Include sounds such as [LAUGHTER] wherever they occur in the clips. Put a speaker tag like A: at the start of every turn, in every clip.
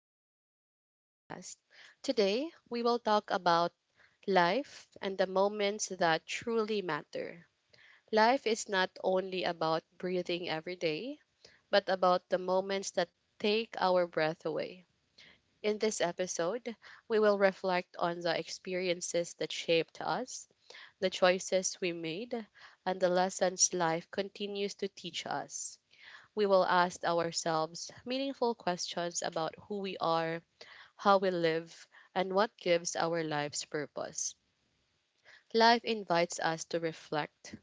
A: back to our podcast. Today, we will talk about life and the moments that truly matter. Life is not only about breathing every day, but about the moments that take our breath away. In this episode, we will reflect on the experiences that shaped us, the choices we made, and the lessons life continues to teach us. We will ask ourselves meaningful questions about who we are, how we live, and what gives our lives purpose. Life invites us to reflect.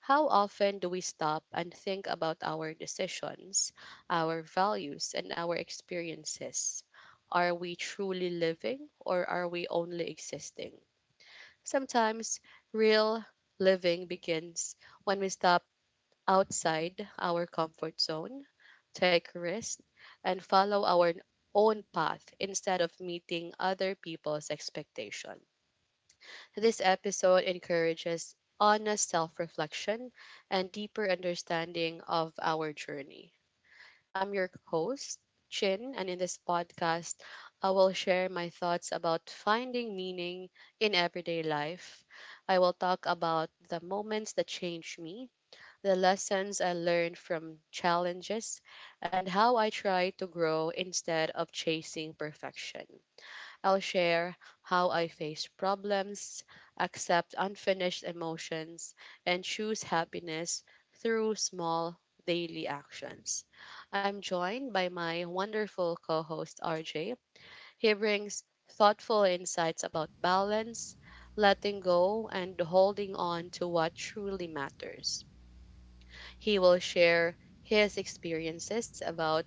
A: How often do we stop and think about our decisions, our values, and our experiences? Are we truly living, or are we only existing? Sometimes real living begins when we stop outside our comfort zone, take risks, and follow our own path instead of meeting other people's expectation. This episode encourages honest self-reflection and deeper understanding of our journey. I'm your host, Chin, and in this podcast, I will share my thoughts about finding meaning in everyday life. I will talk about the moments that changed me, the lessons I learned from challenges, and how I try to grow instead of chasing perfection. I'll share how I face problems, accept unfinished emotions, and choose happiness through small daily actions. I'm joined by my wonderful co host RJ. He brings thoughtful insights about balance, letting go, and holding on to what truly matters. He will share his experiences about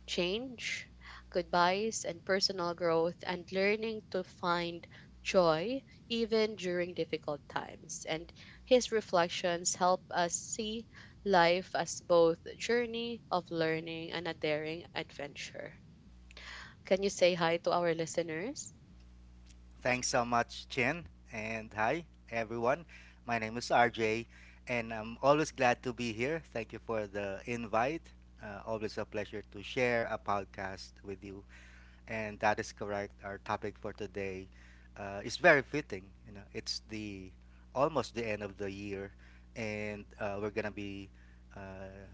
A: change, goodbyes, and personal growth, and learning to find joy even during difficult times. And his reflections help us see life as both a journey of learning and a daring adventure. Can you say hi to our listeners?
B: Thanks so much, Chin. And hi, everyone. My name is RJ, and I'm always glad to be here. Thank you for the invite. Always a pleasure to share a podcast with you. And that is correct. Our topic for today is very fitting. You know, it's the almost the end of the year, and we're gonna be uh,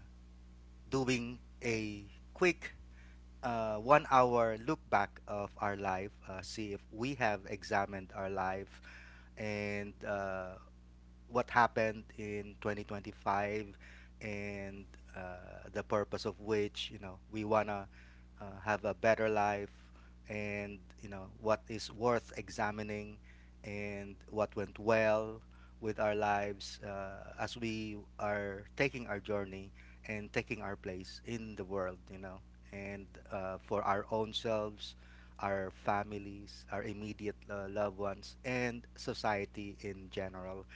B: doing a quick 1 hour look back of our life, see if we have examined our life and what happened in 2025 and the purpose of which, you know, we wanna have a better life, and you know what is worth examining and what went well with our lives as we are taking our journey and taking our place in the world, you know, and for our own selves, our families, our immediate loved ones, and society in general.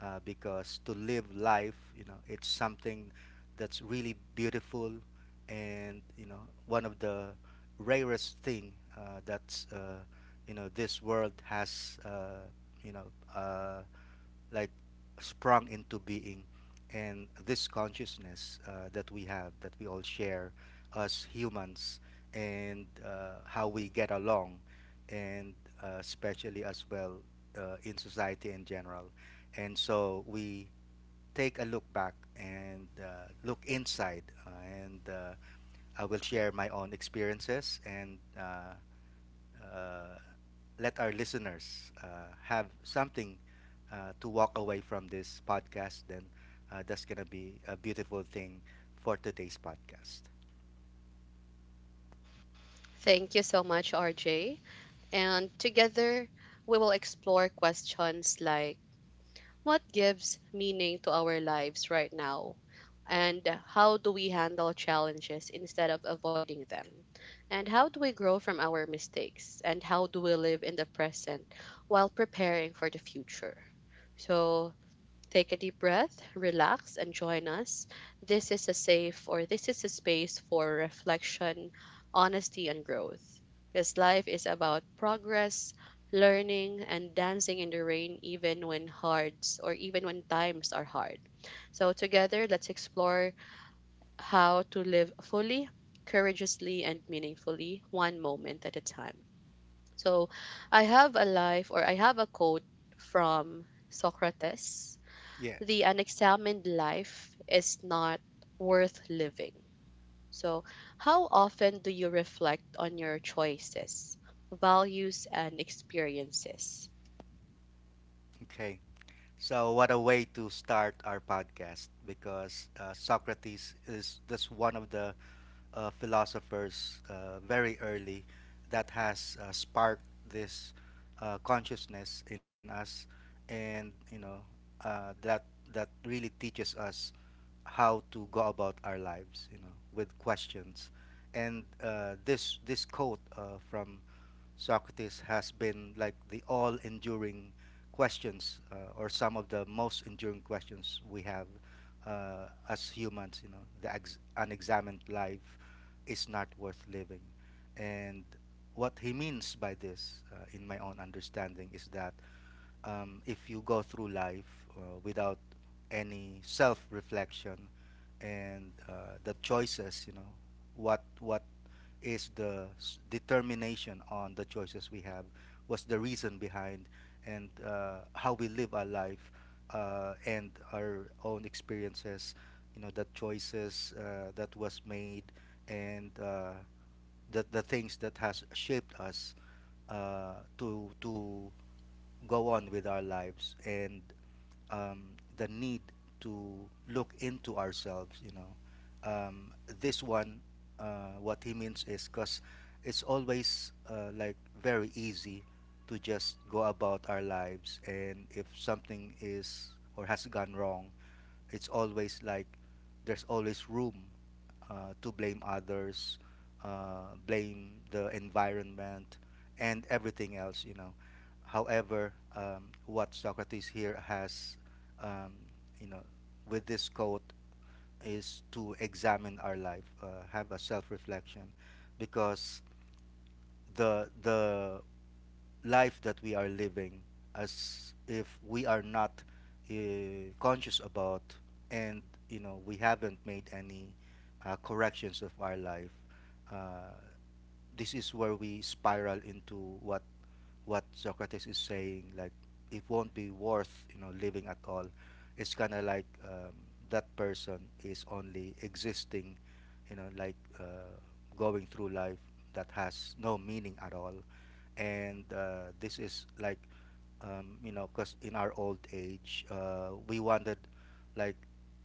B: Because to live life, you know, it's something that's really beautiful, and you know, one of the rarest thing that's this world has, you know uh, like sprung into being. And this consciousness that we have, that we all share as humans. And how we get along, and especially as well in society in general. And so we take a look back and look inside, and I will share my own experiences, and uh, let our listeners have something to walk away from this podcast, then that's going to be a beautiful thing for today's podcast.
A: Thank you so much, RJ. And together, we will explore questions like what gives meaning to our lives right now, and how do we handle challenges instead of avoiding them, and how do we grow from our mistakes, and how do we live in the present while preparing for the future. So take a deep breath, relax, and join us. This is a safe or this is a space for reflection, honesty, and growth. Because life is about progress, learning, and dancing in the rain even when hards or even when times are hard. So together, let's explore how to live fully, courageously, and meaningfully, one moment at a time. So I have a life or I have a quote from Socrates:
B: Yeah.
A: the unexamined life is not worth living. So, how often do you reflect on your choices, values, and experiences?
B: Okay. So, what a way to start our podcast, because Socrates is just one of the philosophers very early that has sparked this consciousness in us, and you know uh, that that really teaches us how to go about our lives, you know, with questions. And this quote from Socrates has been like the all-enduring questions, or some of the most enduring questions we have as humans. You know, the unexamined life is not worth living. And what he means by this, in my own understanding, is that if you go through life without any self-reflection, and the choices, you know, what is the determination on the choices we have? What's the reason behind, and how we live our life, and our own experiences? You know, the choices that was made, and the things that has shaped us to go on with our lives, and um, the need to look into ourselves, you know. um, this one, what he means is because it's always like very easy to just go about our lives, and if something is or has gone wrong, it's always like there's always room to blame others, blame the environment, and everything else, you know. However, what Socrates here has, um, you know, with this quote, is to examine our life, have a self reflection, because the life that we are living, as if we are not uh, conscious about, and you know we haven't made any corrections of our life. uh, this is where we spiral into what what Socrates is saying, like it won't be, worth you know, living at all. It's kind of like, that person is only existing, you know, like going through life that has no meaning at all. And this is like, you know, because in our old age we wanted, like,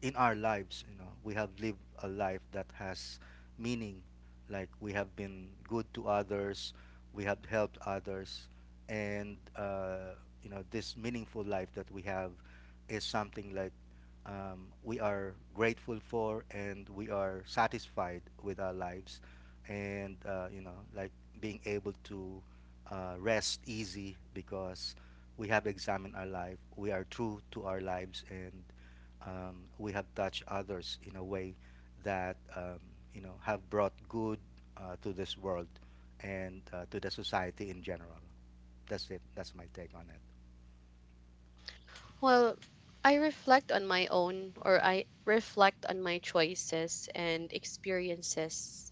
B: in our lives, you know, we have lived a life that has meaning, like we have been good to others, we have helped others, and you know, this meaningful life that we have is something like, we are grateful for, and we are satisfied with our lives, and you know, like being able to rest easy, because we have examined our life, we are true to our lives, and we have touched others in a way that, you know, have brought good to this world, and to the society in general. That's it. That's my take on it.
A: Well, I reflect on my own, or I reflect on my choices and experiences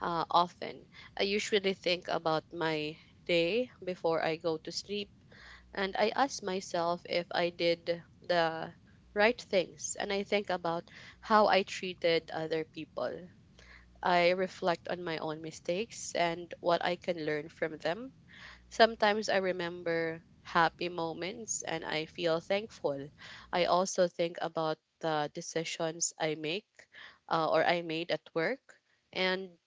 A: often. I usually think about my day before I go to sleep. And I ask myself if I did the right things. And I think about how I treated other people. I reflect on my own mistakes and what I can learn from them. Sometimes I remember happy moments and I feel thankful. I also think about the decisions I make or I made at work. And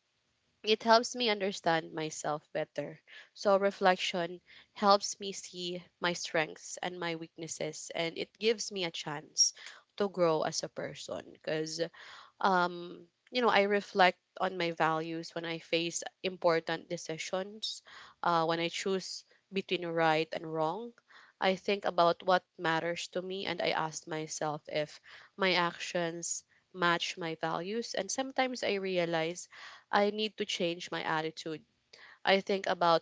A: it helps me understand myself better. So reflection helps me see my strengths and my weaknesses, and it gives me a chance to grow as a person. Because um you know, I reflect on my values when I face important decisions, when I choose between right and wrong. I think about what matters to me, and I ask myself if my actions match my values, and sometimes I realize I need to change my attitude. I think about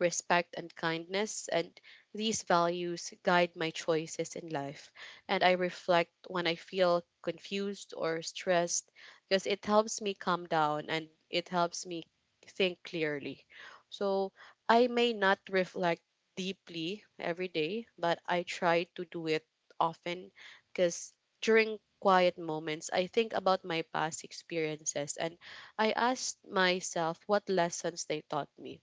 A: respect, and kindness. And these values guide my choices in life. And I reflect when I feel confused or stressed, because it helps me calm down and it helps me think clearly. So I may not reflect deeply every day, but I try to do it often. Because during quiet moments, I think about my past experiences, and I ask myself what lessons they taught me,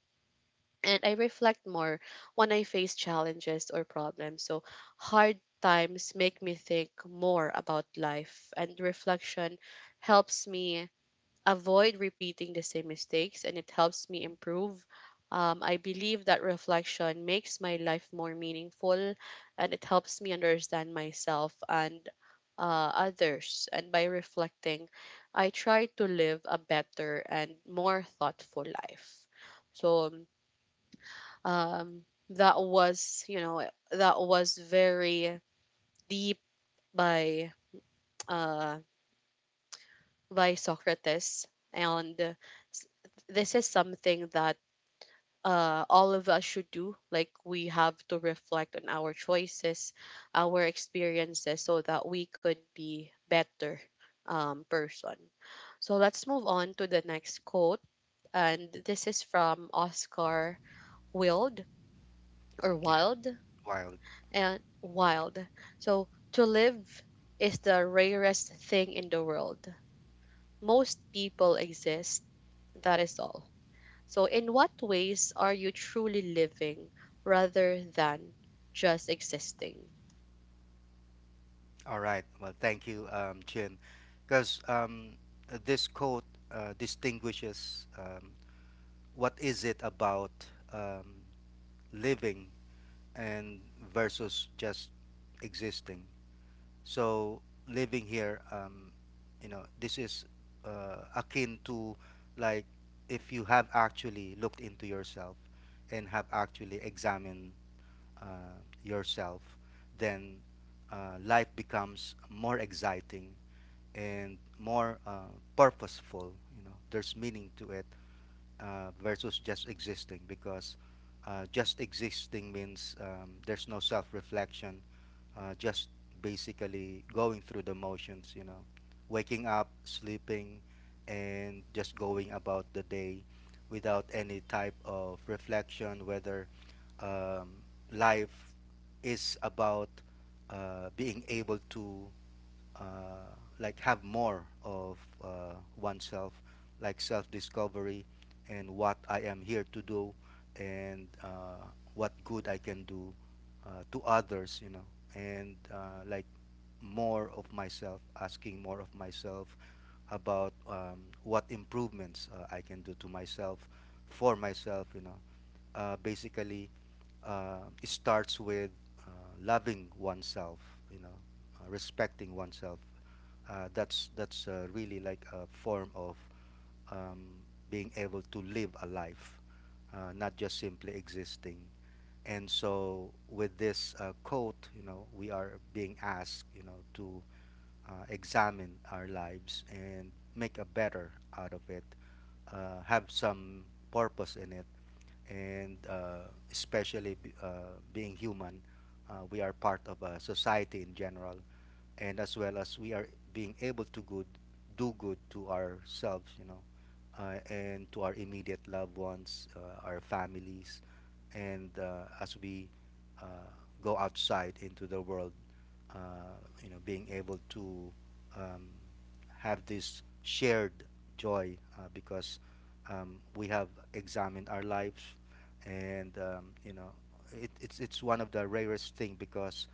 A: and I reflect more when I face challenges or problems. So hard times make me think more about life, and reflection helps me avoid repeating the same mistakes and it helps me improve. I believe that reflection makes my life more meaningful, and it helps me understand myself and others. And by reflecting, I try to live a better and more thoughtful life. So, um, that was, you know, that was very deep by uh, by Socrates. And s- this is something that all of us should do. Like, we have to reflect on our choices, our experiences so that we could be better person. So let's move on to the next quote, and this is from Oscar wilde or
B: Yeah,
A: wild
B: wild.
A: And Wild. So to live is the rarest thing in the world. Most people exist, that is all. So in what ways are you truly living rather than just existing?
B: All right. Well, thank you, Chin, because this quote distinguishes, what is it about um, living and versus just existing. So living here, you know, this is akin to, like, if you have actually looked into yourself and have actually examined yourself, then life becomes more exciting and more purposeful. You know, there's meaning to it, versus just existing because just existing means, there's no self-reflection, just basically going through the motions, you know, waking up, sleeping, and just going about the day without any type of reflection, whether, um, life is about being able to uh, like have more of oneself, like self discovery and what I am here to do, and what good I can do to others, you know, and like more of myself, asking more of myself about, what improvements I can do to myself, for myself, you know. Basically, it starts with uh, loving oneself, you know, respecting oneself. That's really like a form of, um, being able to live a life, not just simply existing. And so, with this quote, you know, we are being asked, you know, to examine our lives and make a better out of it, have some purpose in it, and especially, being human, we are part of a society in general, and as well as we are being able to good do good to ourselves, you know, and to our immediate loved ones, our families, and as we uh, go outside into the world, uh, you know, being able to, um, have this shared joy, because, we have examined our lives, and, you know, it's one of the rarest thing, because,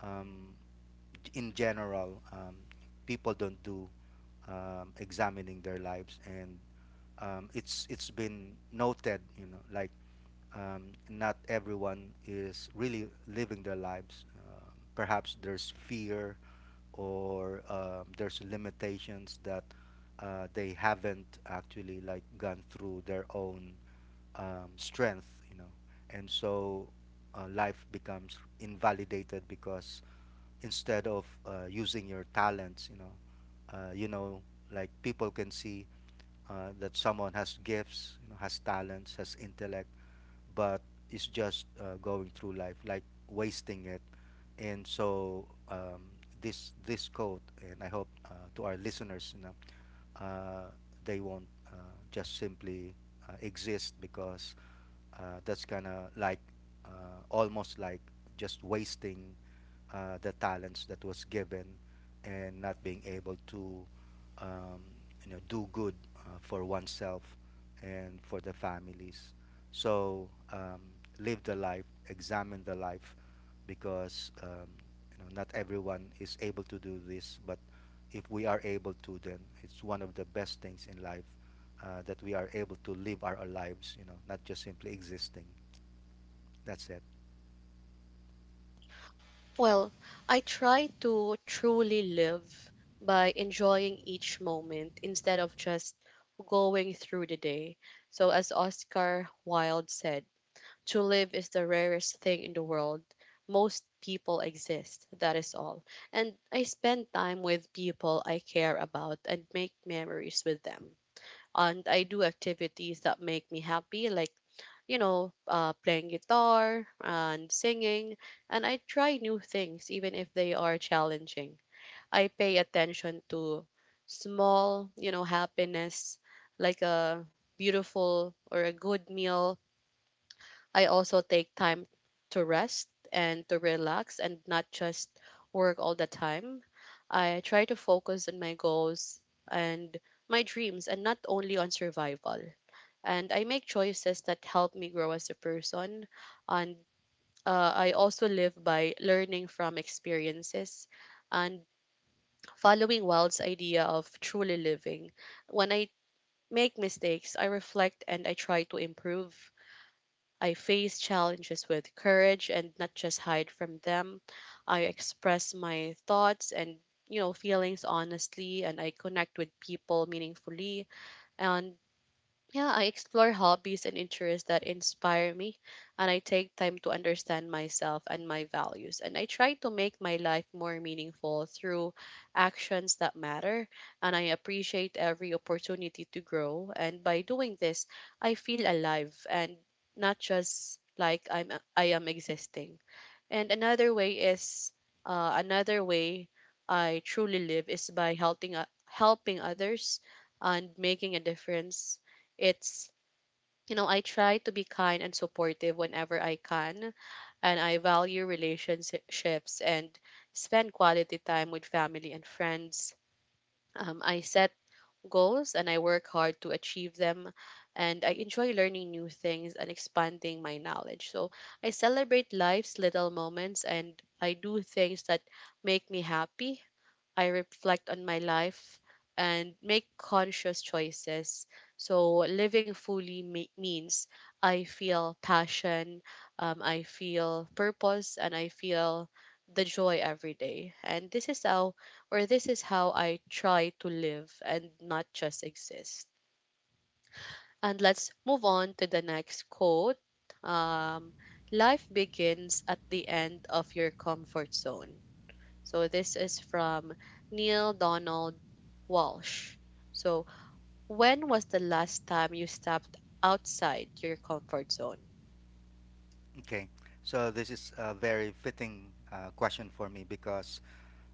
B: um, in general, people don't do, examining their lives, and, it's been noted, you know, like, not everyone is really living their lives. Perhaps there's fear, or, there's limitations that they haven't actually like gone through their own, strength, you know, and so life becomes invalidated, because instead of using your talents, you know like people can see that someone has gifts, you know, has talents, has intellect, but is just going through life like wasting it. And so, this quote, and I hope to our listeners, you know, uh, they won't just simply exist, because that's kind of like almost like just wasting the talents that was given, and not being able to, um, you know, do good for oneself and for the families. So, live the life, examine the life, because, you know, not everyone is able to do this, but if we are able to then it's one of the best things in life that we are able to live our lives, you know, not just simply existing. That's it.
A: Well, I try to truly live by enjoying each moment instead of just going through the day. So as Oscar Wilde said, to live is the rarest thing in the world. Most people exist, that is all. And I spend time with people I care about and make memories with them. And I do activities that make me happy, like, you know, playing guitar and singing. And I try new things, even if they are challenging. I pay attention to small, you know, happiness, like a beautiful or a good meal. I also take time to rest and to relax and not just work all the time. I try to focus on my goals and my dreams and not only on survival. And I make choices that help me grow as a person. And I also live by learning from experiences and following Wild's idea of truly living. When I make mistakes, I reflect and I try to improve. I face challenges with courage and not just hide from them. I express my thoughts and, you know, feelings honestly, and I connect with people meaningfully. And yeah, I explore hobbies and interests that inspire me, and I take time to understand myself and my values. And I try to make my life more meaningful through actions that matter, and I appreciate every opportunity to grow. And by doing this, I feel alive and not just like I am existing. And another way is another way I truly live is by helping helping others and making a difference. It's, you know, I try to be kind and supportive whenever I can, and I value relationships and spend quality time with family and friends. I set goals and I work hard to achieve them. And I enjoy learning new things and expanding my knowledge. So I celebrate life's little moments and I do things that make me happy. I reflect on my life and make conscious choices. So living fully means I feel passion, I feel purpose, and I feel the joy every day. And this is how, or this is how I try to live and not just exist. And let's move on to the next quote. Um, Life begins at the end of your comfort zone. So this is from Neil Donald Walsh. So, when was the last time you stepped outside your comfort zone?
B: Okay, so this is a very fitting question for me, because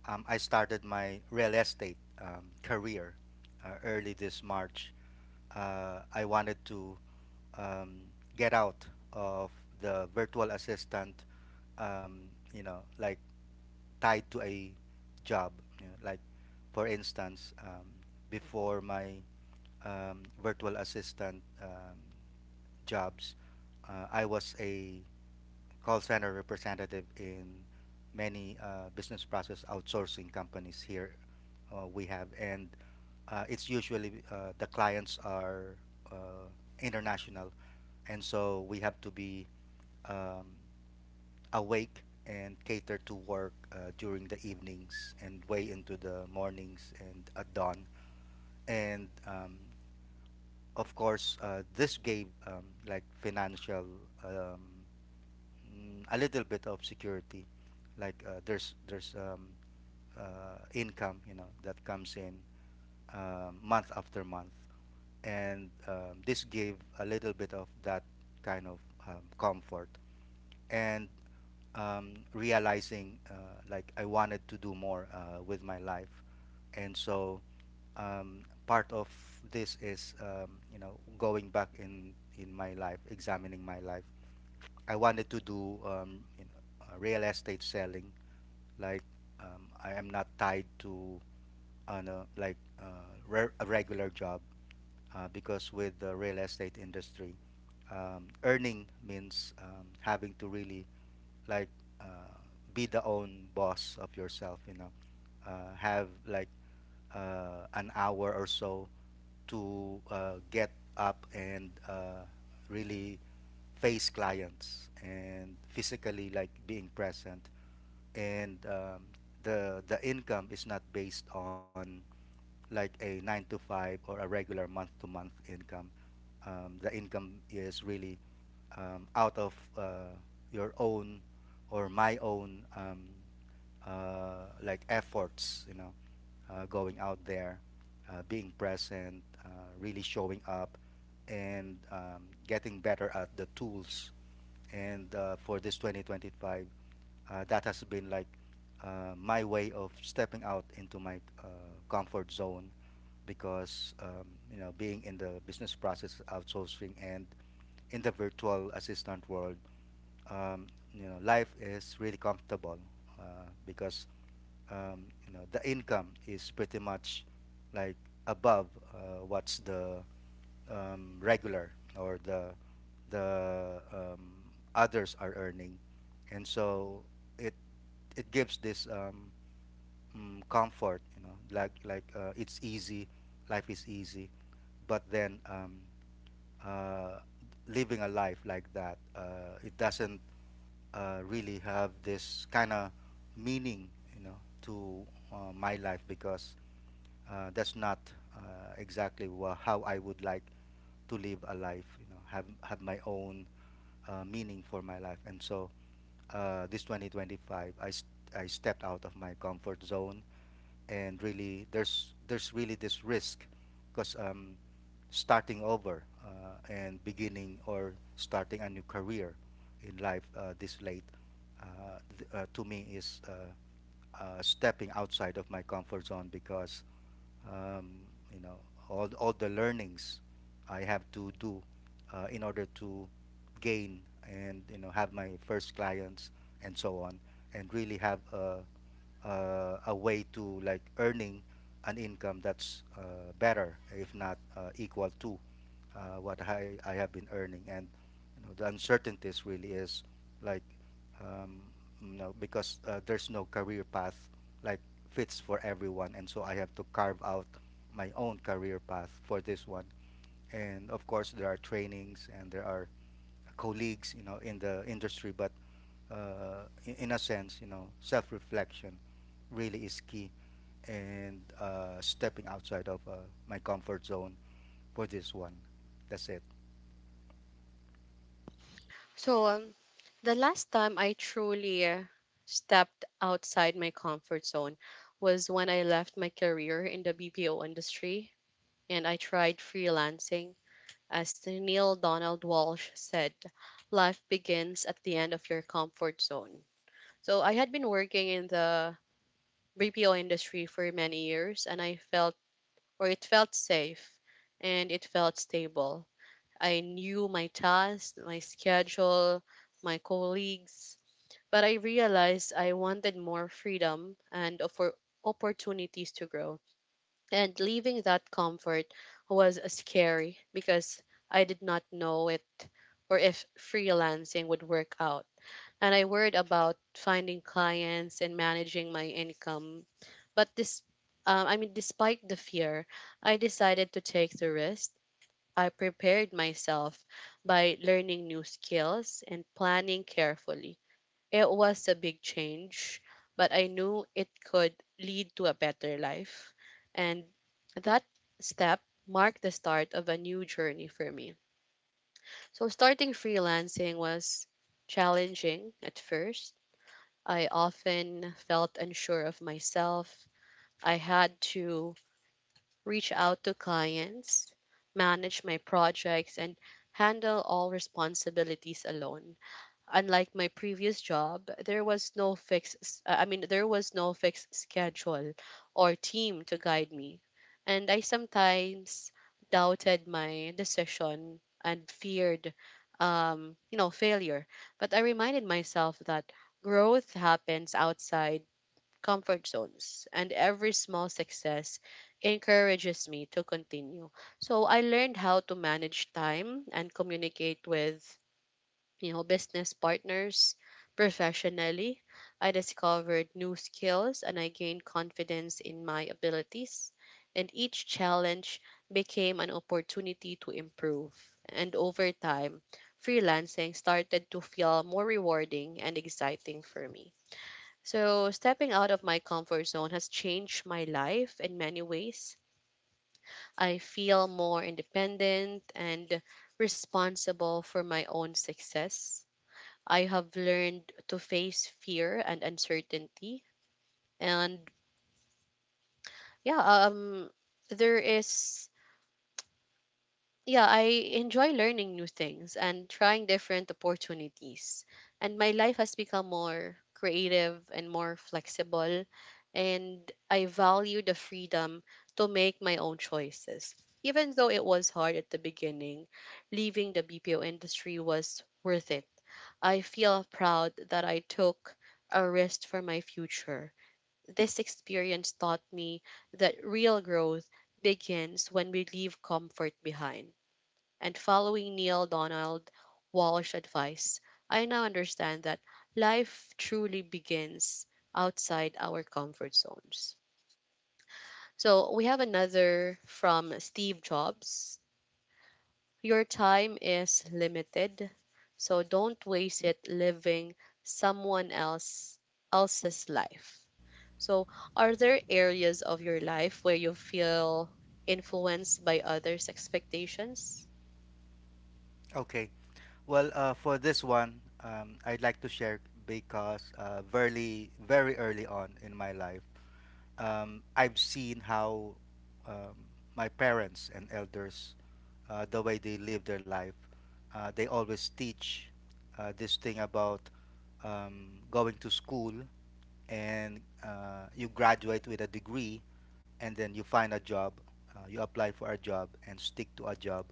B: I started my real estate career early this March. I wanted to, um, get out of the virtual assistant, um, you know, like tied to a job. You know, like for instance, before my virtual assistant jobs, I was a call center representative in many business process outsourcing companies here we have, and it's usually the clients are uh, international, and so we have to be, um, awake and cater to work during the evenings and way into the mornings and at dawn. And of course, this gave, like financial, um, a little bit of security. Like there's income, you know, that comes in month after month, and this gave a little bit of that kind of, comfort. And realizing like I wanted to do more with my life, and so part of this is, you know, going back in my life, examining my life. I wanted to do, you know, real estate selling. Like I am not tied to on a like a regular job because with the real estate industry, earning means having to really like uh, be the own boss of yourself, have like an hour or so to get up and really face clients and physically like being present, and the income is not based on like a nine to five or a regular month to month income. Um, the income is really out of your own or my own like efforts, going out there, being present, really showing up, and getting better at the tools. And For this 2025, that has been like my way of stepping out into my comfort zone, because you know, being in the business process outsourcing and in the virtual assistant world, um, you know, life is really comfortable, because you know, the income is pretty much like above what's the regular, or the others are earning. And so it it gives this comfort, you know, like, it's easy, life is easy. But then uh, living a life like that, it doesn't really have this kind of meaning, you know, to my life, because that's not exactly how I would like to live a life, you know, have my own meaning for my life. And so this 2025, I stepped out of my comfort zone, and really there's really this risk because starting over and beginning or starting a new career in life this late, to me is stepping outside of my comfort zone because um, you know, all the learnings I have to do in order to gain and, you know, have my first clients and so on, and really have a way to like earning an income that's better if not equal to what I have been earning. And, you know, the uncertainties really is like, um, you know, because there's no career path like fits for everyone. And so I have to carve out my own career path for this one. And of course, there are trainings and there are colleagues, you know, in the industry. But in a sense, you know, self-reflection really is key. And stepping outside of my comfort zone for this one. That's it.
A: So, the last time I truly stepped outside my comfort zone was when I left my career in the BPO industry and I tried freelancing. As Neil Donald Walsh said, life begins at the end of your comfort zone. So I had been working in the BPO industry for many years, and I felt or it felt safe and it felt stable. I knew my tasks, my schedule, my colleagues, but I realized I wanted more freedom and for opportunities to grow. And leaving that comfort was scary because I did not know it or if freelancing would work out. And I worried about finding clients and managing my income, but I mean, despite the fear, I decided to take the risk. I prepared myself by learning new skills and planning carefully. It was a big change, but I knew it could lead to a better life. And that step marked the start of a new journey for me. So, starting freelancing was challenging at first. I often felt unsure of myself. I had to reach out to clients, manage my projects, and handle all responsibilities alone. Unlike my previous job, there was no fixed I mean there was no fixed schedule or team to guide me. And I sometimes doubted my decision and feared you know, failure. But I reminded myself that growth happens outside comfort zones, and every small success encourages me to continue. So I learned how to manage time and communicate with, you know, business partners professionally. I discovered new skills and I gained confidence in my abilities, and each challenge became an opportunity to improve. And over time, freelancing started to feel more rewarding and exciting for me. So, stepping out of my comfort zone has changed my life in many ways. I feel more independent and responsible for my own success. I have learned to face fear and uncertainty. And yeah, um, there is yeah, I enjoy learning new things and trying different opportunities. And my life has become more creative and more flexible. And I value the freedom to make my own choices. Even though it was hard at the beginning, leaving the BPO industry was worth it. I feel proud that I took a risk for my future. This experience taught me that real growth begins when we leave comfort behind, and following Neil Donald Walsh advice, I now understand that life truly begins outside our comfort zones. So we have another from Steve Jobs. Your time is limited, so don't waste it living someone else else's life. So are there areas of your life where you feel influenced by others' expectations?
B: Okay. Well, for this one, I'd like to share because very, very early on in my life, I've seen how um, my parents and elders, the way they live their life, they always teach this thing about going to school, and you graduate with a degree, and then you find a job, you apply for a job and stick to a job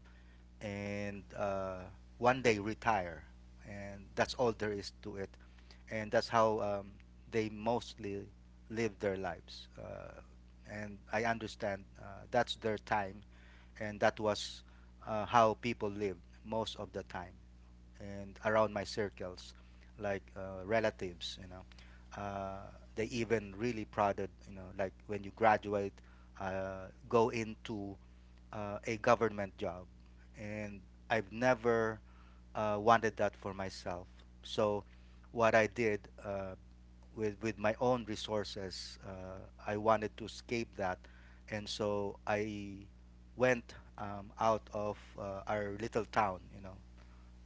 B: and one day retire, and that's all there is to it. And that's how they mostly live their lives. And I understand that's their time, and that was how people lived most of the time. And around my circles, like, relatives, you know, uh, they even really prodded, you know, like when you graduate, go into a government job, and I've never wanted that for myself. So, what I did with my own resources, I wanted to escape that, and so I went out of our little town, you know,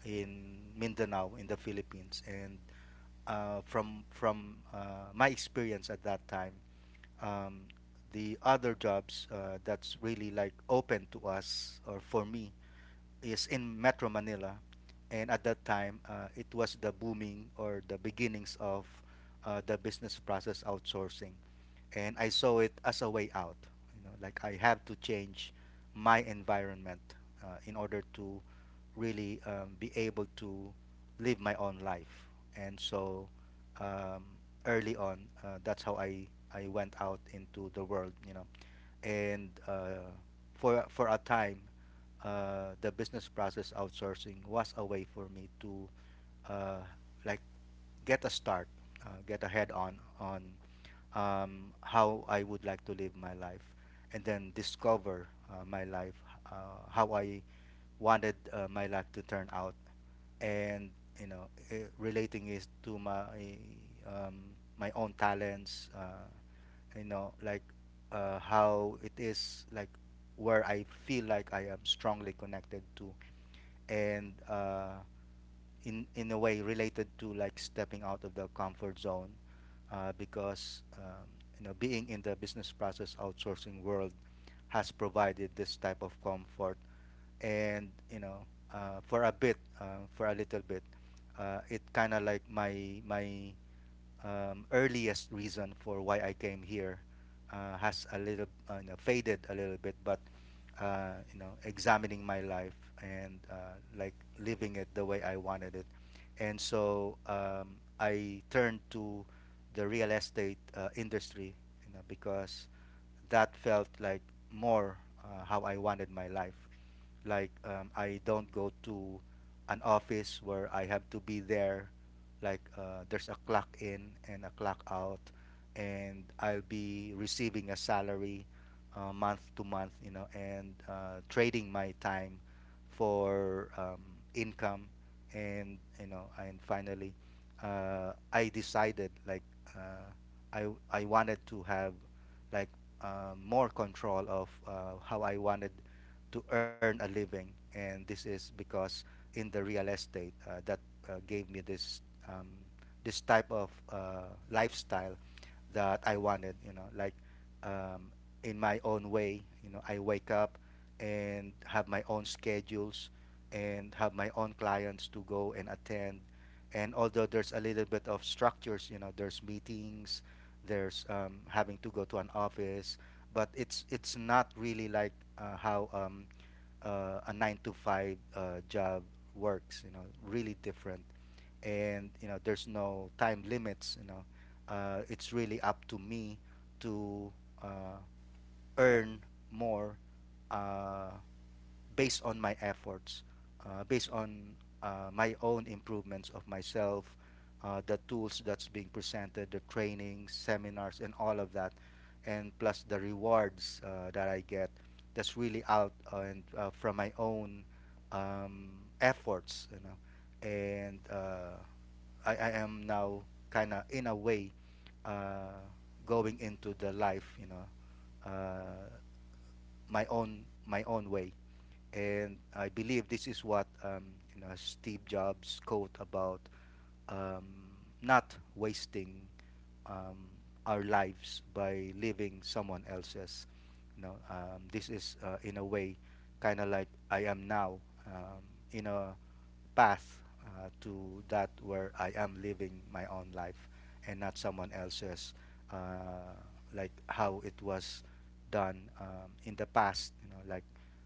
B: in Mindanao in the Philippines, and from my experience at that time. Um, the other jobs that's really like open to us or for me is in Metro Manila, and at that time, it was the booming or the beginnings of the business process outsourcing, and I saw it as a way out. You know, like I have to change my environment in order to really be able to live my own life, and so um, early on, that's how I went out into the world. You know, and for a time the business process outsourcing was a way for me to uh, like get a start, get a head on how I would like to live my life, and then discover my life, how I wanted my life to turn out, and, relating it to my my own talents, you know, like how it is, like where I feel like I am strongly connected to. And in a way related to like stepping out of the comfort zone because you know, being in the business process outsourcing world has provided this type of comfort. And, you know, for a little bit it kind of like my earliest reason for why I came here has a little you know, faded a little bit. But you know, examining my life and like living it the way I wanted it, and so I turned to the real estate industry, you know, because that felt like more how I wanted my life, like, I don't go to an office where I have to be there. Like there's a clock in and a clock out, and I'll be receiving a salary month to month, you know, and trading my time for income. And, you know, and finally, I decided like uh, I wanted to have like more control of how I wanted to earn a living. And this is because in the real estate that gave me this um, this type of lifestyle that I wanted. You know, like, um, in my own way. You know, I wake up and have my own schedules and have my own clients to go and attend. And although there's a little bit of structures, you know, there's meetings, there's having to go to an office, but it's not really like how a nine to five job works. You know, really different, and, you know, there's no time limits. You know, it's really up to me to uh, earn more. Uh, Based on my efforts, based on my own improvements of myself, the tools that's being presented, the trainings, seminars, and all of that, and plus the rewards that I get, that's really out and from my own efforts, you know. And I am now kind of in a way uh, going into the life, you know, uh, my own way. And I believe this is what, you know, Steve Jobs' quote about um, not wasting um, our lives by living someone else's. You know, this is in a way kind of like I am now um, in a path to that, where I am living my own life and not someone else's, uh, like how it was done in the past. You know, like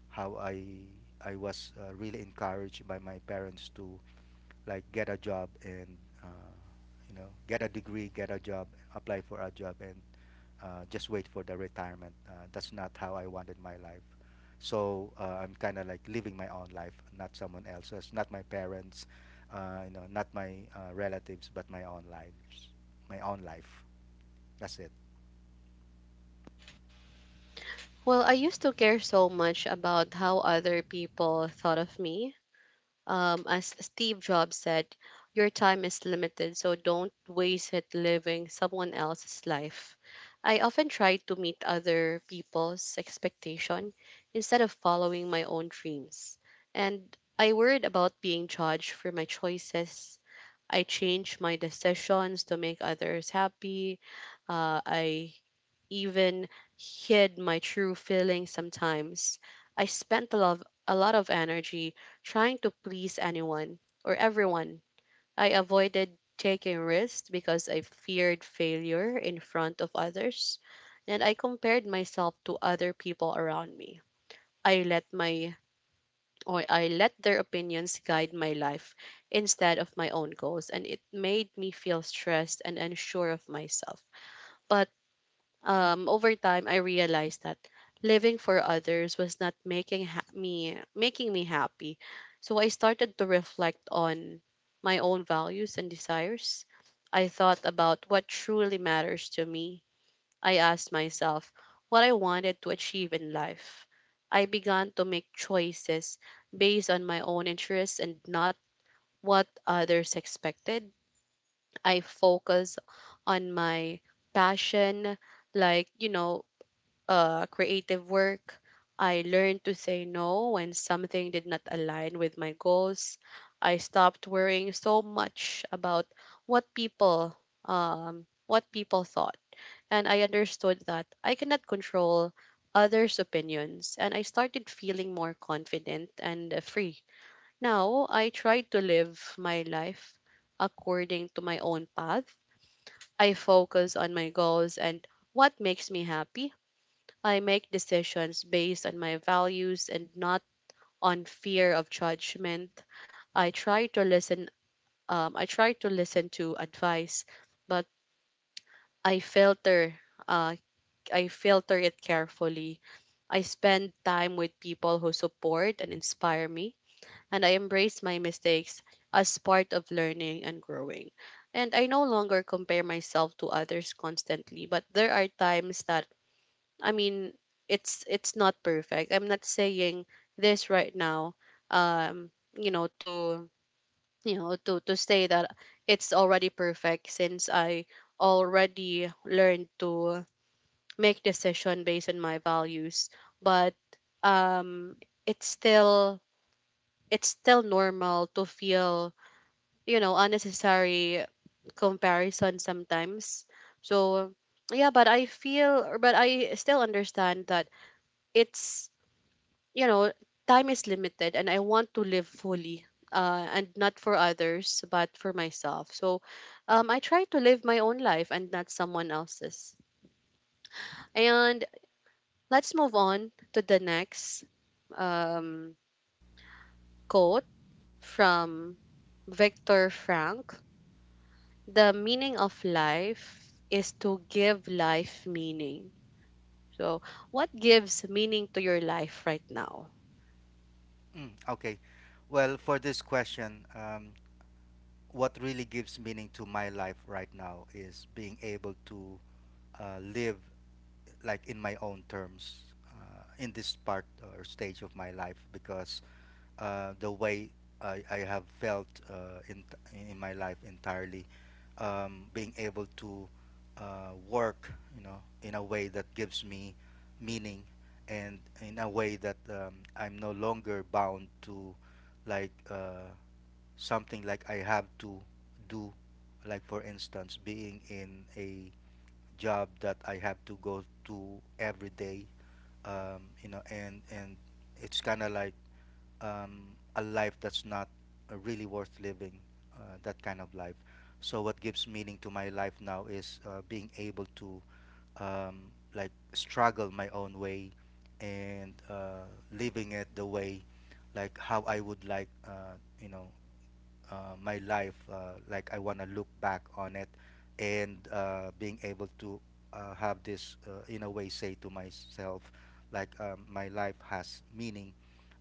B: how I was really encouraged by my parents to like get a job, and uh, you know, get a degree, get a job, apply for a job, and just wait for the retirement. That's not how I wanted my life. So I'm kind of like living my own life, not someone else's, not my parents, you know, not my relatives, but my own lives, my own life. That's it.
A: Well, I used to care so much about how other people thought of me. As Steve Jobs said, your time is limited, so don't waste it living someone else's life. I often tried to meet other people's expectation instead of following my own dreams. And I worried about being judged for my choices. I changed my decisions to make others happy. I even hid my true feelings sometimes. I spent a lot of energy trying to please anyone or everyone. I avoided taking risks because I feared failure in front of others, and I compared myself to other people around me. I let my I let their opinions guide my life instead of my own goals, and it made me feel stressed and unsure of myself. But over time, I realized that living for others was not making ha- me making me happy. So I started to reflect on my own values and desires. I thought about what truly matters to me. I asked myself what I wanted to achieve in life. I began to make choices based on my own interests and not what others expected. I focus on my passion, like, you know, creative work. I learned to say no when something did not align with my goals. I stopped worrying so much about what people what people thought, and I understood that I cannot control others' opinions, and I started feeling more confident and free. Now I try to live my life according to my own path. I focus on my goals and what makes me happy. I make decisions based on my values and not on fear of judgment. I try to listen. I try to listen to advice, but I filter. Uh, I filter it carefully. I spend time with people who support and inspire me, and I embrace my mistakes as part of learning and growing. And I no longer compare myself to others constantly, but there are times that, I mean, it's not perfect. I'm not saying this right now. Um, you know, to you know, to say that it's already perfect since I already learned to make decision based on my values. But um, it's still it's still normal to feel, you know, unnecessary comparison sometimes. So yeah, but I still understand that it's, you know, time is limited and I want to live fully. And not for others, but for myself. So I try to live my own life and not someone else's. And let's move on to the next um, quote from Viktor Frank. The meaning of life is to give life meaning. So, what gives meaning to your life right now?
B: Mm, okay. Well, for this question, what really gives meaning to my life right now is being able to live like in my own terms in this part or stage of my life, because the way I have felt in my life entirely, being able to work, you know, in a way that gives me meaning, and in a way that I'm no longer bound to like something like I have to do, like, for instance, being in a job that I have to go to every day. You know, and it's kind of like a life that's not really worth living. That kind of life. So what gives meaning to my life now is being able to like struggle my own way and living it the way, like how I would like, you know, my life. Like I want to look back on it and being able to have this, in a way, say to myself, like, my life has meaning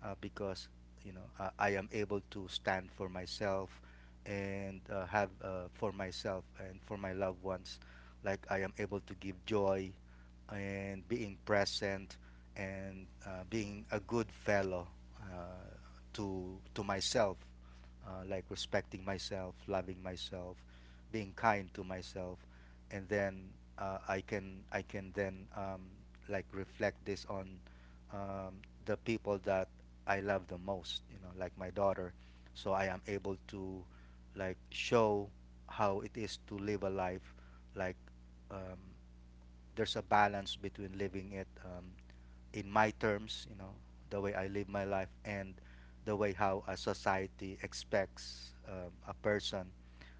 B: because, you know, I am able to stand for myself and have for myself and for my loved ones. Like I am able to give joy and being present and being a good fellow uh, to myself, like respecting myself, loving myself, being kind to myself, and then I can then like reflect this on um, the people that I love the most, you know, like my daughter. So I am able to like show how it is to live a life like um, there's a balance between living it in my terms, you know, the way I live my life and the way how a society expects a person,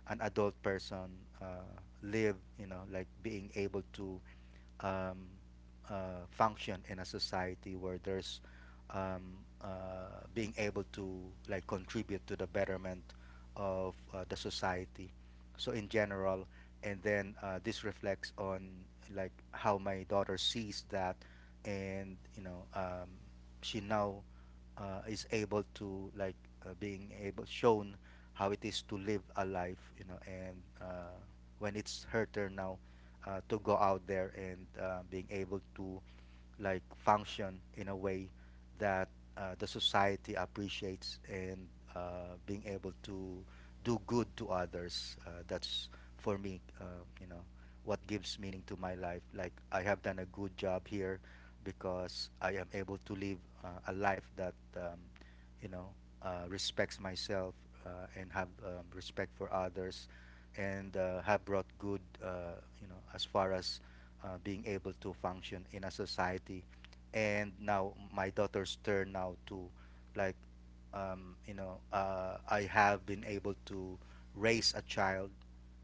B: an adult person, uh, live, you know, like being able to um, function in a society where there's being able to like contribute to the betterment of the society so in general, and then this reflects on like how my daughter sees that. And she now is able to like being able shown how it is to live a life, you know, and when it's her turn now to go out there and being able to like function in a way that the society appreciates and being able to do good to others. That's for me, you know, what gives meaning to my life. Like I have done a good job here because I am able to live a life that you know respects myself and have respect for others and have brought good, you know, as far as being able to function in a society. And now my daughter's turn now to like you know I have been able to raise a child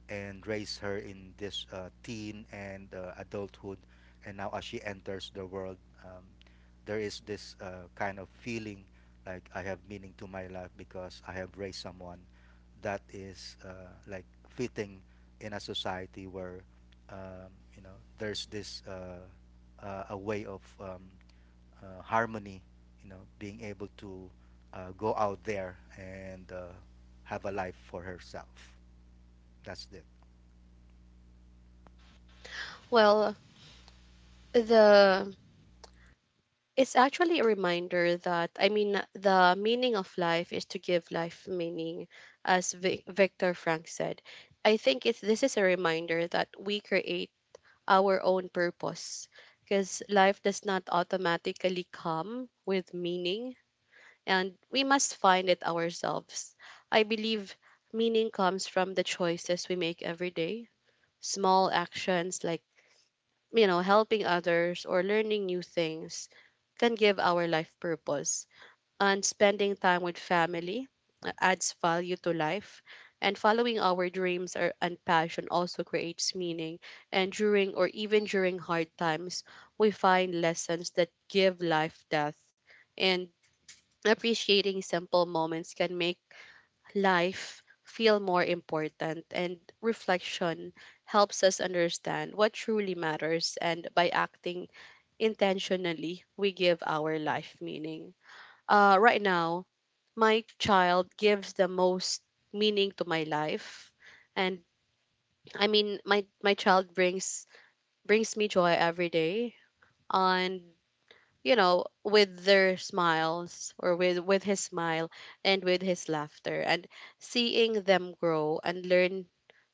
B: and raise her in this teen and adulthood. And now, as she enters the world, um, there is this kind of feeling like I have meaning to my life because I have raised someone that is like fitting in a society where um, you know there's this a way of harmony, you know, being able to go out there and have a life for herself. That's it.
A: Well, the it's actually a reminder that, I mean, the meaning of life is to give life meaning, as Victor Frank said. I think it's this is a reminder that we create our own purpose, because life does not automatically come with meaning and we must find it ourselves. I believe meaning comes from the choices we make every day. Small actions like, you know, helping others or learning new things can give our life purpose. And spending time with family adds value to life. And following our dreams or, and passion also creates meaning. And during or even during hard times, we find lessons that give life depth. And appreciating simple moments can make life feel more important, and reflection helps us understand what truly matters. And by acting intentionally, we give our life meaning. Right now, my child gives the most meaning to my life. And, I mean, my child brings me joy every day. And, you know, with his smile and with his laughter, and seeing them grow and learn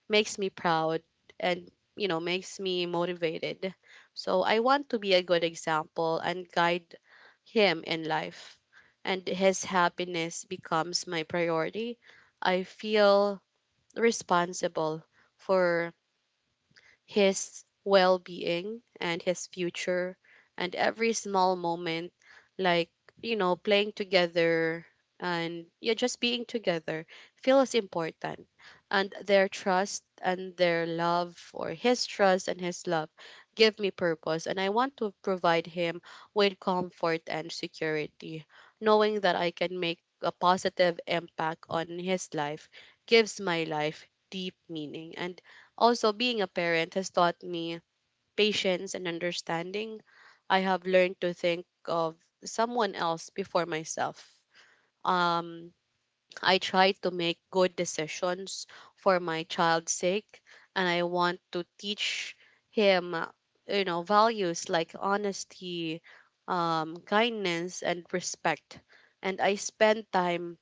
A: makes me proud, and you know makes me motivated. So I want to be a good example and guide him in life, and his happiness becomes my priority. I feel responsible for his well being and his future, and every small moment, like, you know, playing together and yeah, just being together feels important. And their trust and their love, or his trust and his love, give me purpose. And I want to provide him with comfort and security. Knowing that I can make a positive impact on his life gives my life deep meaning. And also, being a parent has taught me patience and understanding. I have learned to think of someone else before myself. Um, I try to make good decisions for my child's sake, and I want to teach him, you know, values like honesty, kindness, and respect. And I spend time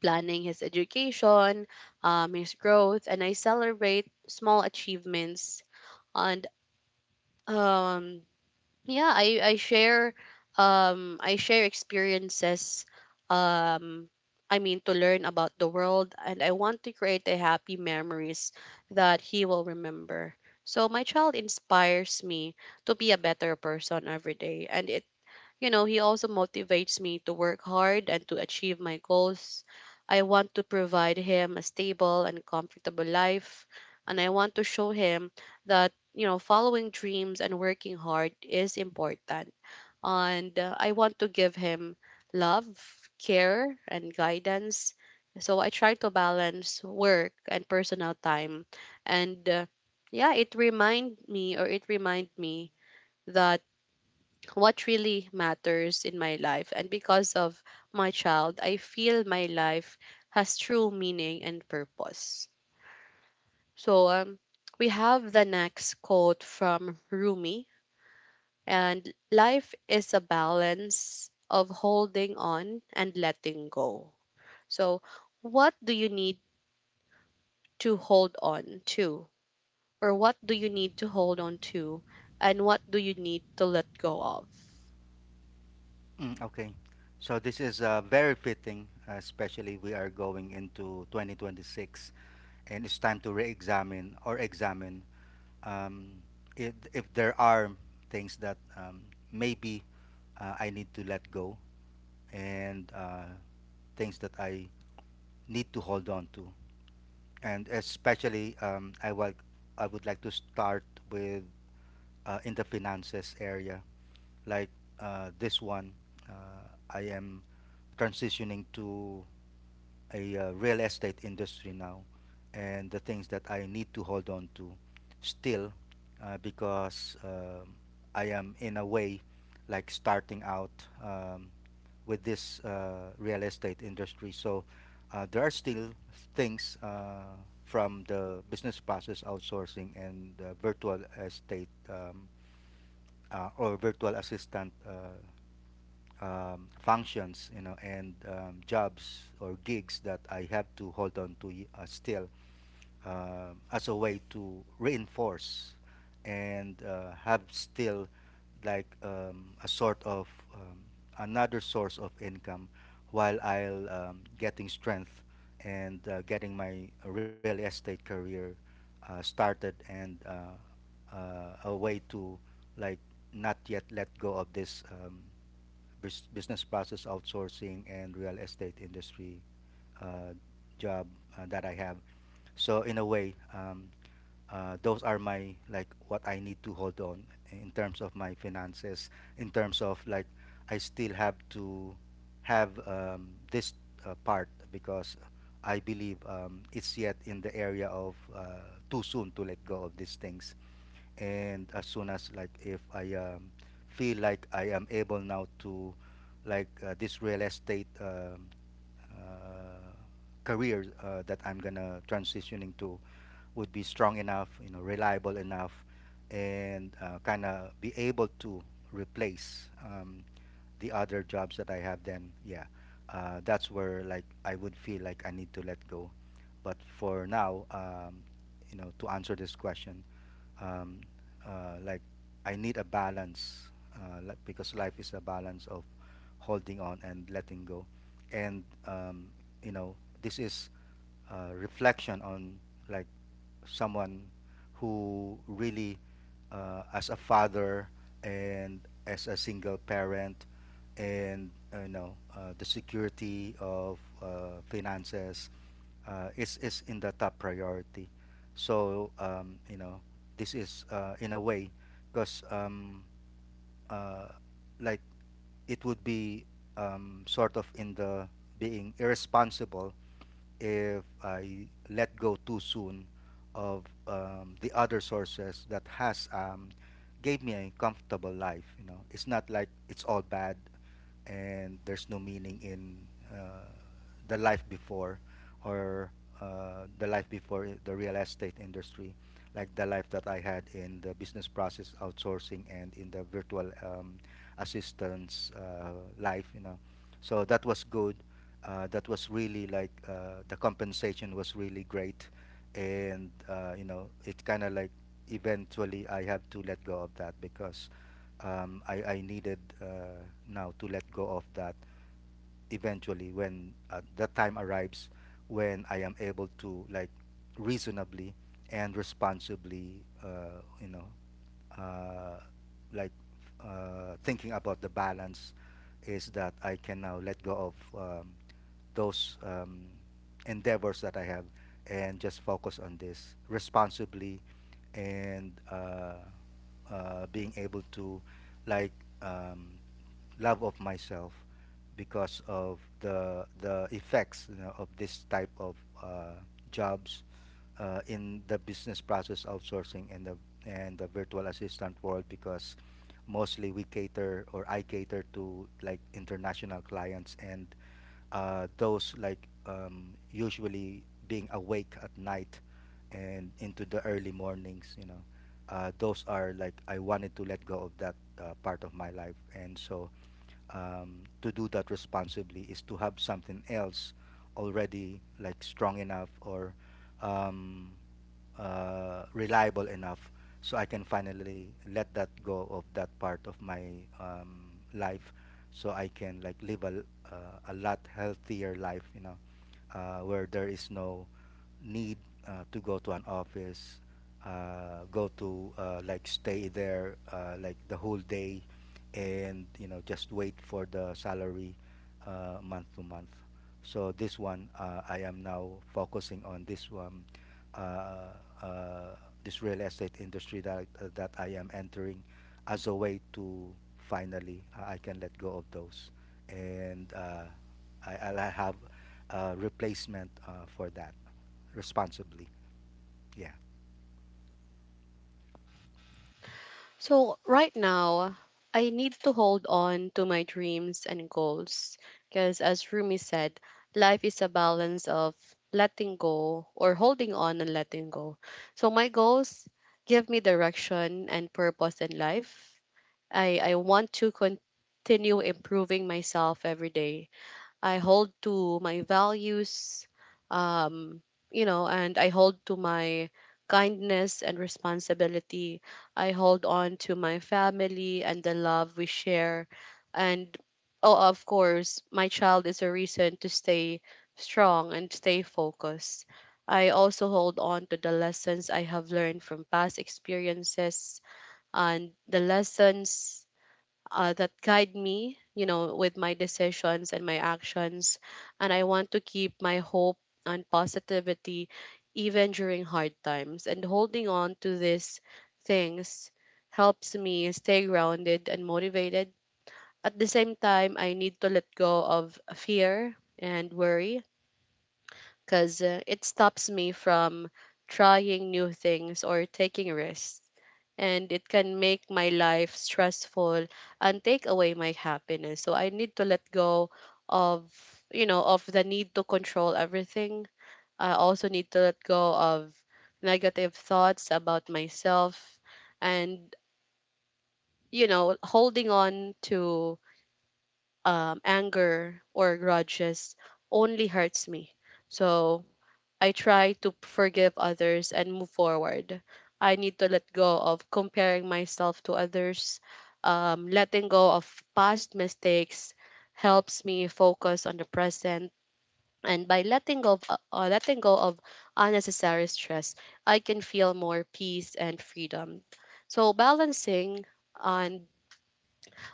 A: planning his education, his growth, and I celebrate small achievements and um yeah, I share I share experiences. Um i mean to learn about the world, and I want to create a happy memories that he will remember. So my child inspires me to be a better person every day, and it, you know, he also motivates me to work hard and to achieve my goals. I want to provide him a stable and comfortable life, and I want to show him that, you know, following dreams and working hard is important. And I want to give him love, care, and guidance. So I try to balance work and personal time. And yeah, it remind me that what really matters in my life. And because of my child, I feel my life has true meaning and purpose. So we have the next quote from Rumi, and life is a balance of holding on and letting go. So, what do you need to hold on to? Or what do you need to hold on to? And what do you need to let go of?
B: Mm, okay. So this is very fitting, especially we are going into 2026, and it's time to re-examine or examine um, if there are things that maybe I need to let go and things that I need to hold on to. And especially, I would like to start with in the finances area, like this one. I am transitioning to a real estate industry now, and the things that I need to hold on to still because I am in a way like starting out um, with this real estate industry. So there are still things from the business process outsourcing and virtual estate or virtual assistant functions, you know, and jobs or gigs that I have to hold on to still as a way to reinforce and have still like a sort of um, another source of income while I'll getting strength and getting my real estate career started, and a way to like not yet let go of this business process outsourcing and real estate industry uh, job that I have. So in a way, those are my like what I need to hold on in terms of my finances. In terms of like, I still have to have this part because I believe it's yet in the area of too soon to let go of these things. And as soon as like if I feel like I am able now to like this real estate uh, career that I'm gonna transition into would be strong enough, you know, reliable enough, and kind of be able to replace the other jobs that I have, then yeah, that's where like I would feel like I need to let go. But for now, you know, to answer this question, um, like I need a balance, like, because life is a balance of holding on and letting go, and you know, this is reflection on like someone who really as a father and as a single parent, and you know the security of finances is in the top priority. So you know this is in a way because uh, like it would be sort of in the being irresponsible if I let go too soon of the other sources that has gave me a comfortable life. You know, it's not like it's all bad and there's no meaning in uh, the life before, or the life before the real estate industry, like the life that I had in the business process outsourcing and in the virtual assistance life. You know, so that was good, that was really like the compensation was really great. And you know it kind of like eventually I have to let go of that because I needed now to let go of that eventually when that time arrives, when I am able to like reasonably and responsibly, you know, uh, like thinking about the balance is that I can now let go of those endeavors that I have and just focus on this responsibly, and being able to like um, love of myself because of the effects, you know, of this type of uh, jobs in the business process outsourcing and the virtual assistant world, because mostly we cater or I cater to like international clients. And those like usually being awake at night and into the early mornings, you know, those are like I wanted to let go of that part of my life. And so to do that responsibly is to have something else already like strong enough or um, reliable enough so I can finally let that go of that part of my life, so I can like live a lot healthier life, you know, where there is no need to go to an office, go to like stay there like the whole day and you know just wait for the salary month to month. So this one, I am now focusing on this one, uh, uh, this real estate industry that that I am entering as a way to finally I can let go of those. And I'll have a replacement for that, responsibly. Yeah.
A: So, right now, I need to hold on to my dreams and goals because, as Rumi said, life is a balance of letting go or holding on and letting go. So, my goals give me direction and purpose in life. I want to continue improving myself every day. I hold to my values, um, you know, and I hold to my kindness and responsibility. I hold on to my family and the love we share. And oh, of course, my child is a reason to stay strong and stay focused. I also hold on to the lessons I have learned from past experiences, and the lessons that guide me, you know, with my decisions and my actions. And I want to keep my hope and positivity even during hard times. And holding on to these things helps me stay grounded and motivated. At the same time, I need to let go of fear and worry because it stops me from trying new things or taking risks, and it can make my life stressful and take away my happiness. So I need to let go of, you know, of the need to control everything. I also need to let go of negative thoughts about myself, and, you know, holding on to anger or grudges only hurts me. So I try to forgive others and move forward. I need to let go of comparing myself to others. Letting go of past mistakes helps me focus on the present. And by letting go of unnecessary stress, I can feel more peace and freedom. So balancing and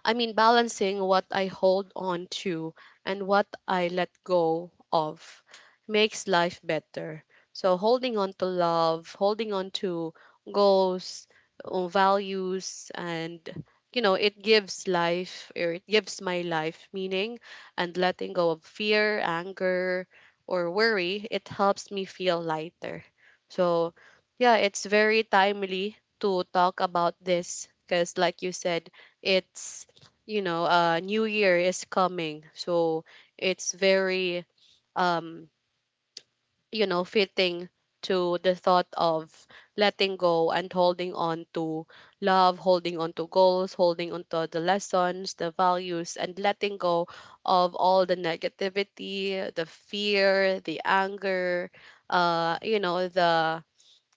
A: I mean, balancing what I hold on to and what I let go of makes life better. So, holding on to love, holding on to goals, values, and, you know, it gives my life meaning. And letting go of fear, anger, or worry, it helps me feel lighter. So, yeah, it's very timely to talk about this because, like you said, it's new year is coming, so it's very um fitting to the thought of letting go and holding on to love, holding on to goals, holding on to the lessons, the values, and letting go of all the negativity, the fear, the anger, the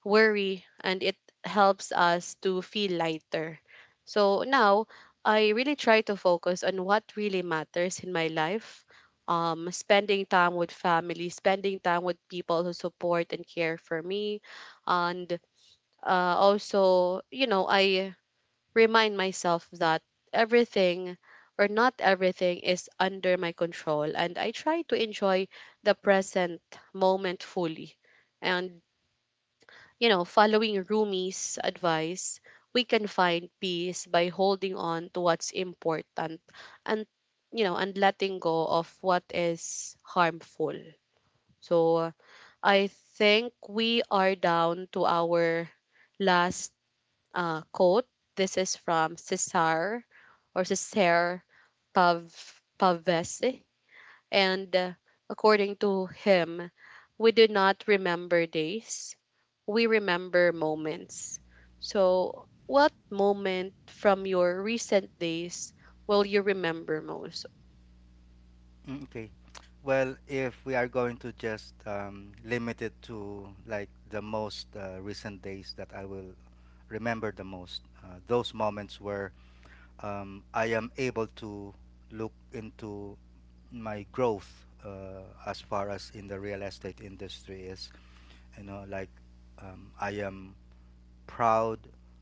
A: worry, and it helps us to feel lighter. So now I really try to focus on what really matters in my life. Spending time with family, spending time with people who support and care for me, and also, you know, I remind myself that everything or not everything is under my control, and I try to enjoy the present moment fully and, you know, following Rumi's advice, we can find peace by holding on to what's important and, you know, and letting go of what is harmful. So I think we are down to our last quote. This is from Cesare Pav Pavese. And according to him, we do not remember days, we remember moments. So, what moment from your recent days will you remember most?
B: Mm, okay. Well, if we are going to just limit it to like the most recent days that I will remember the most, those moments where I am able to look into my growth as far as in the real estate industry is. You know, like I am proud.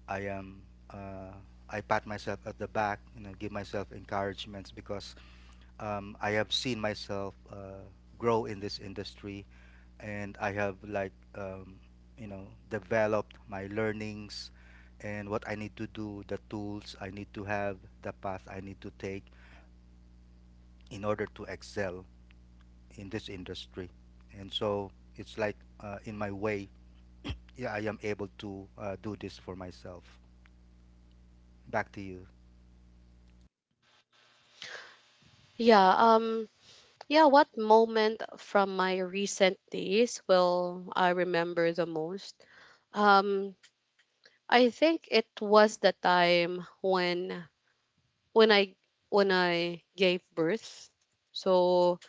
B: I am. Uh, I pat myself at the back. You know, give myself encouragements because I have seen myself grow in this industry, and I have like you know developed my learnings and what I need to do, the tools I need to have, the path I need to take in order to excel in this industry. And so it's like in my way, [CLEARS THROAT] yeah, I am able to do this for myself. Back to you.
A: Yeah, yeah, what moment from my recent days will I remember the most? Um I think it was the time when I when I gave birth. So,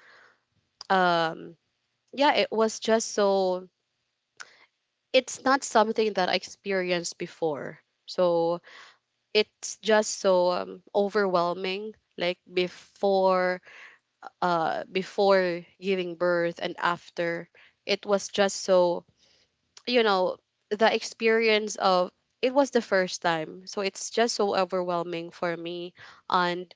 A: um yeah, it was just so, it's not something that I experienced before. So it's just so overwhelming. Like, before before giving birth and after, it was just so, you know, the experience of it was the first time, so it's just so overwhelming for me, and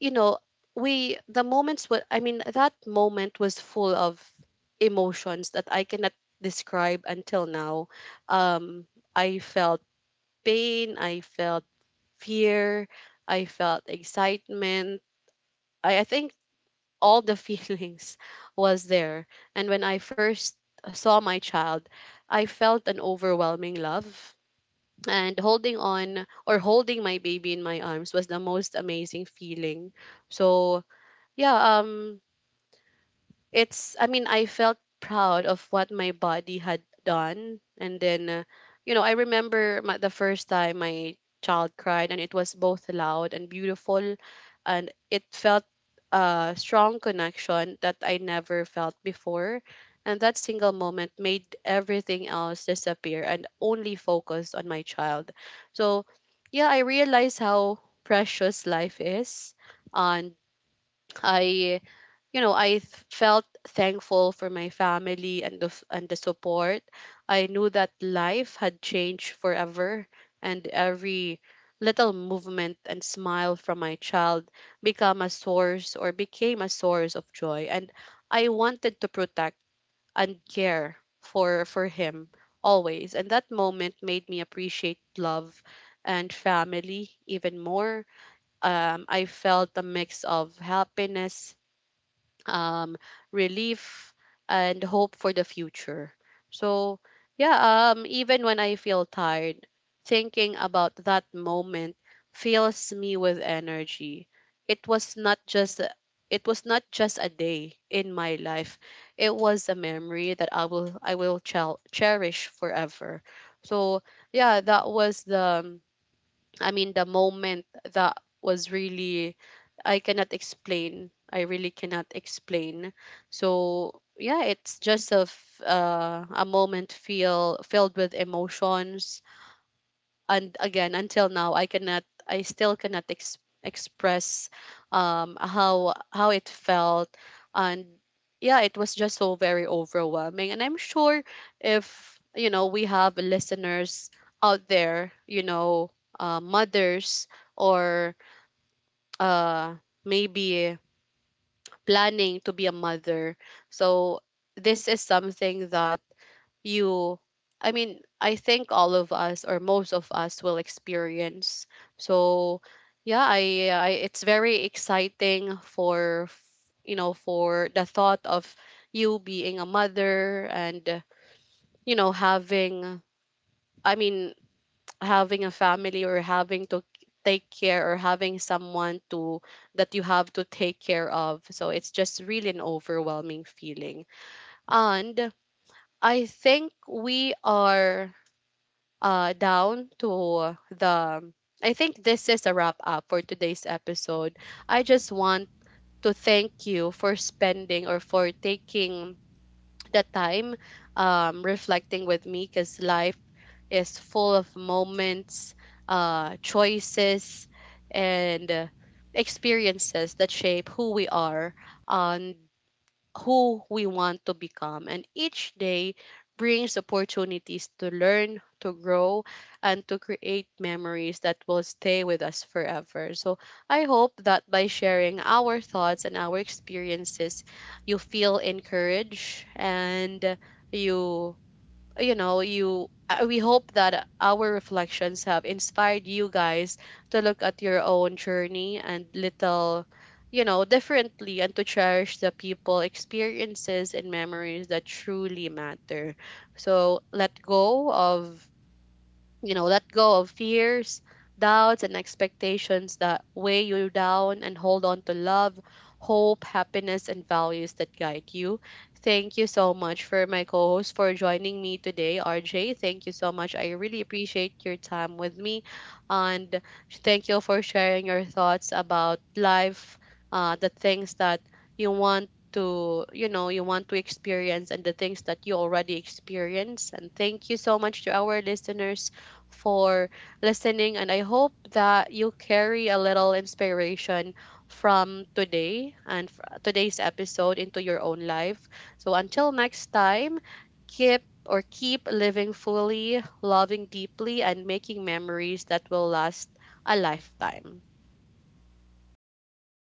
A: you know, we the moments were, I mean, that moment was full of emotions that I cannot describe until now. Um I felt pain, I felt fear, I felt excitement. I think all the [LAUGHS] feelings was there. And when I first saw my child, I felt an overwhelming love. And holding on or holding my baby in my arms was the most amazing feeling. So yeah, um it's, I mean, I felt proud of what my body had done, and then you know, I remember the first time my child cried, and it was both loud and beautiful, and it felt a strong connection that I never felt before, and that single moment made everything else disappear, and only focused on my child. So, yeah, I realized how precious life is, and I, you know, felt thankful for my family and the support. I knew that life had changed forever, and every little movement and smile from my child become a source or became a source of joy. And I wanted to protect and care for him always. And that moment made me appreciate love and family even more. I felt a mix of happiness, um, relief, and hope for the future. So, yeah, even when I feel tired, thinking about that moment fills me with energy. It was not just a- it was not just a day in my life. It was a memory that I will cherish forever. So yeah, that was the, I mean, the moment that was really, I cannot explain. I really cannot explain. So yeah, it's just a moment feel filled with emotions, and again, until now, I still cannot express how it felt, and yeah, it was just so very overwhelming, and I'm sure, if you know, we have listeners out there, you know, mothers, or uh maybe planning to be a mother. So this is something that you I mean I think all of us or most of us will experience. So yeah, I, it's very exciting for, you know, for the thought of you being a mother, and you know, having, I mean, [TSK] having a family, or having to take care or having someone to that you have to take care of. So it's just really an overwhelming feeling. And I think we are down to the. I think this is a wrap up for today's episode. I just want to thank you for spending or for taking the time reflecting with me, because life is full of moments, choices, and experiences that shape who we are and who we want to become. And each day brings opportunities to learn, to grow, and to create memories that will stay with us forever. So I hope that by sharing our thoughts and our experiences, you feel encouraged, and you you know you we hope that our reflections have inspired you guys to look at your own journey and little, you know, differently, and to cherish the people, experiences and memories that truly matter. So let go of, you know, let go of fears, doubts and expectations that weigh you down, and hold on to love, hope, happiness and values that guide you. Thank you so much for my co-host for joining me today, RJ. Thank you so much, I really appreciate your time with me. And thank you for sharing your thoughts about life, the things that you want to experience, and the things that you already experience. And thank you so much to our listeners for listening. And I hope that you carry a little inspiration from today's episode into your own life. So until next time, keep living fully, loving deeply, and making memories that will last a lifetime.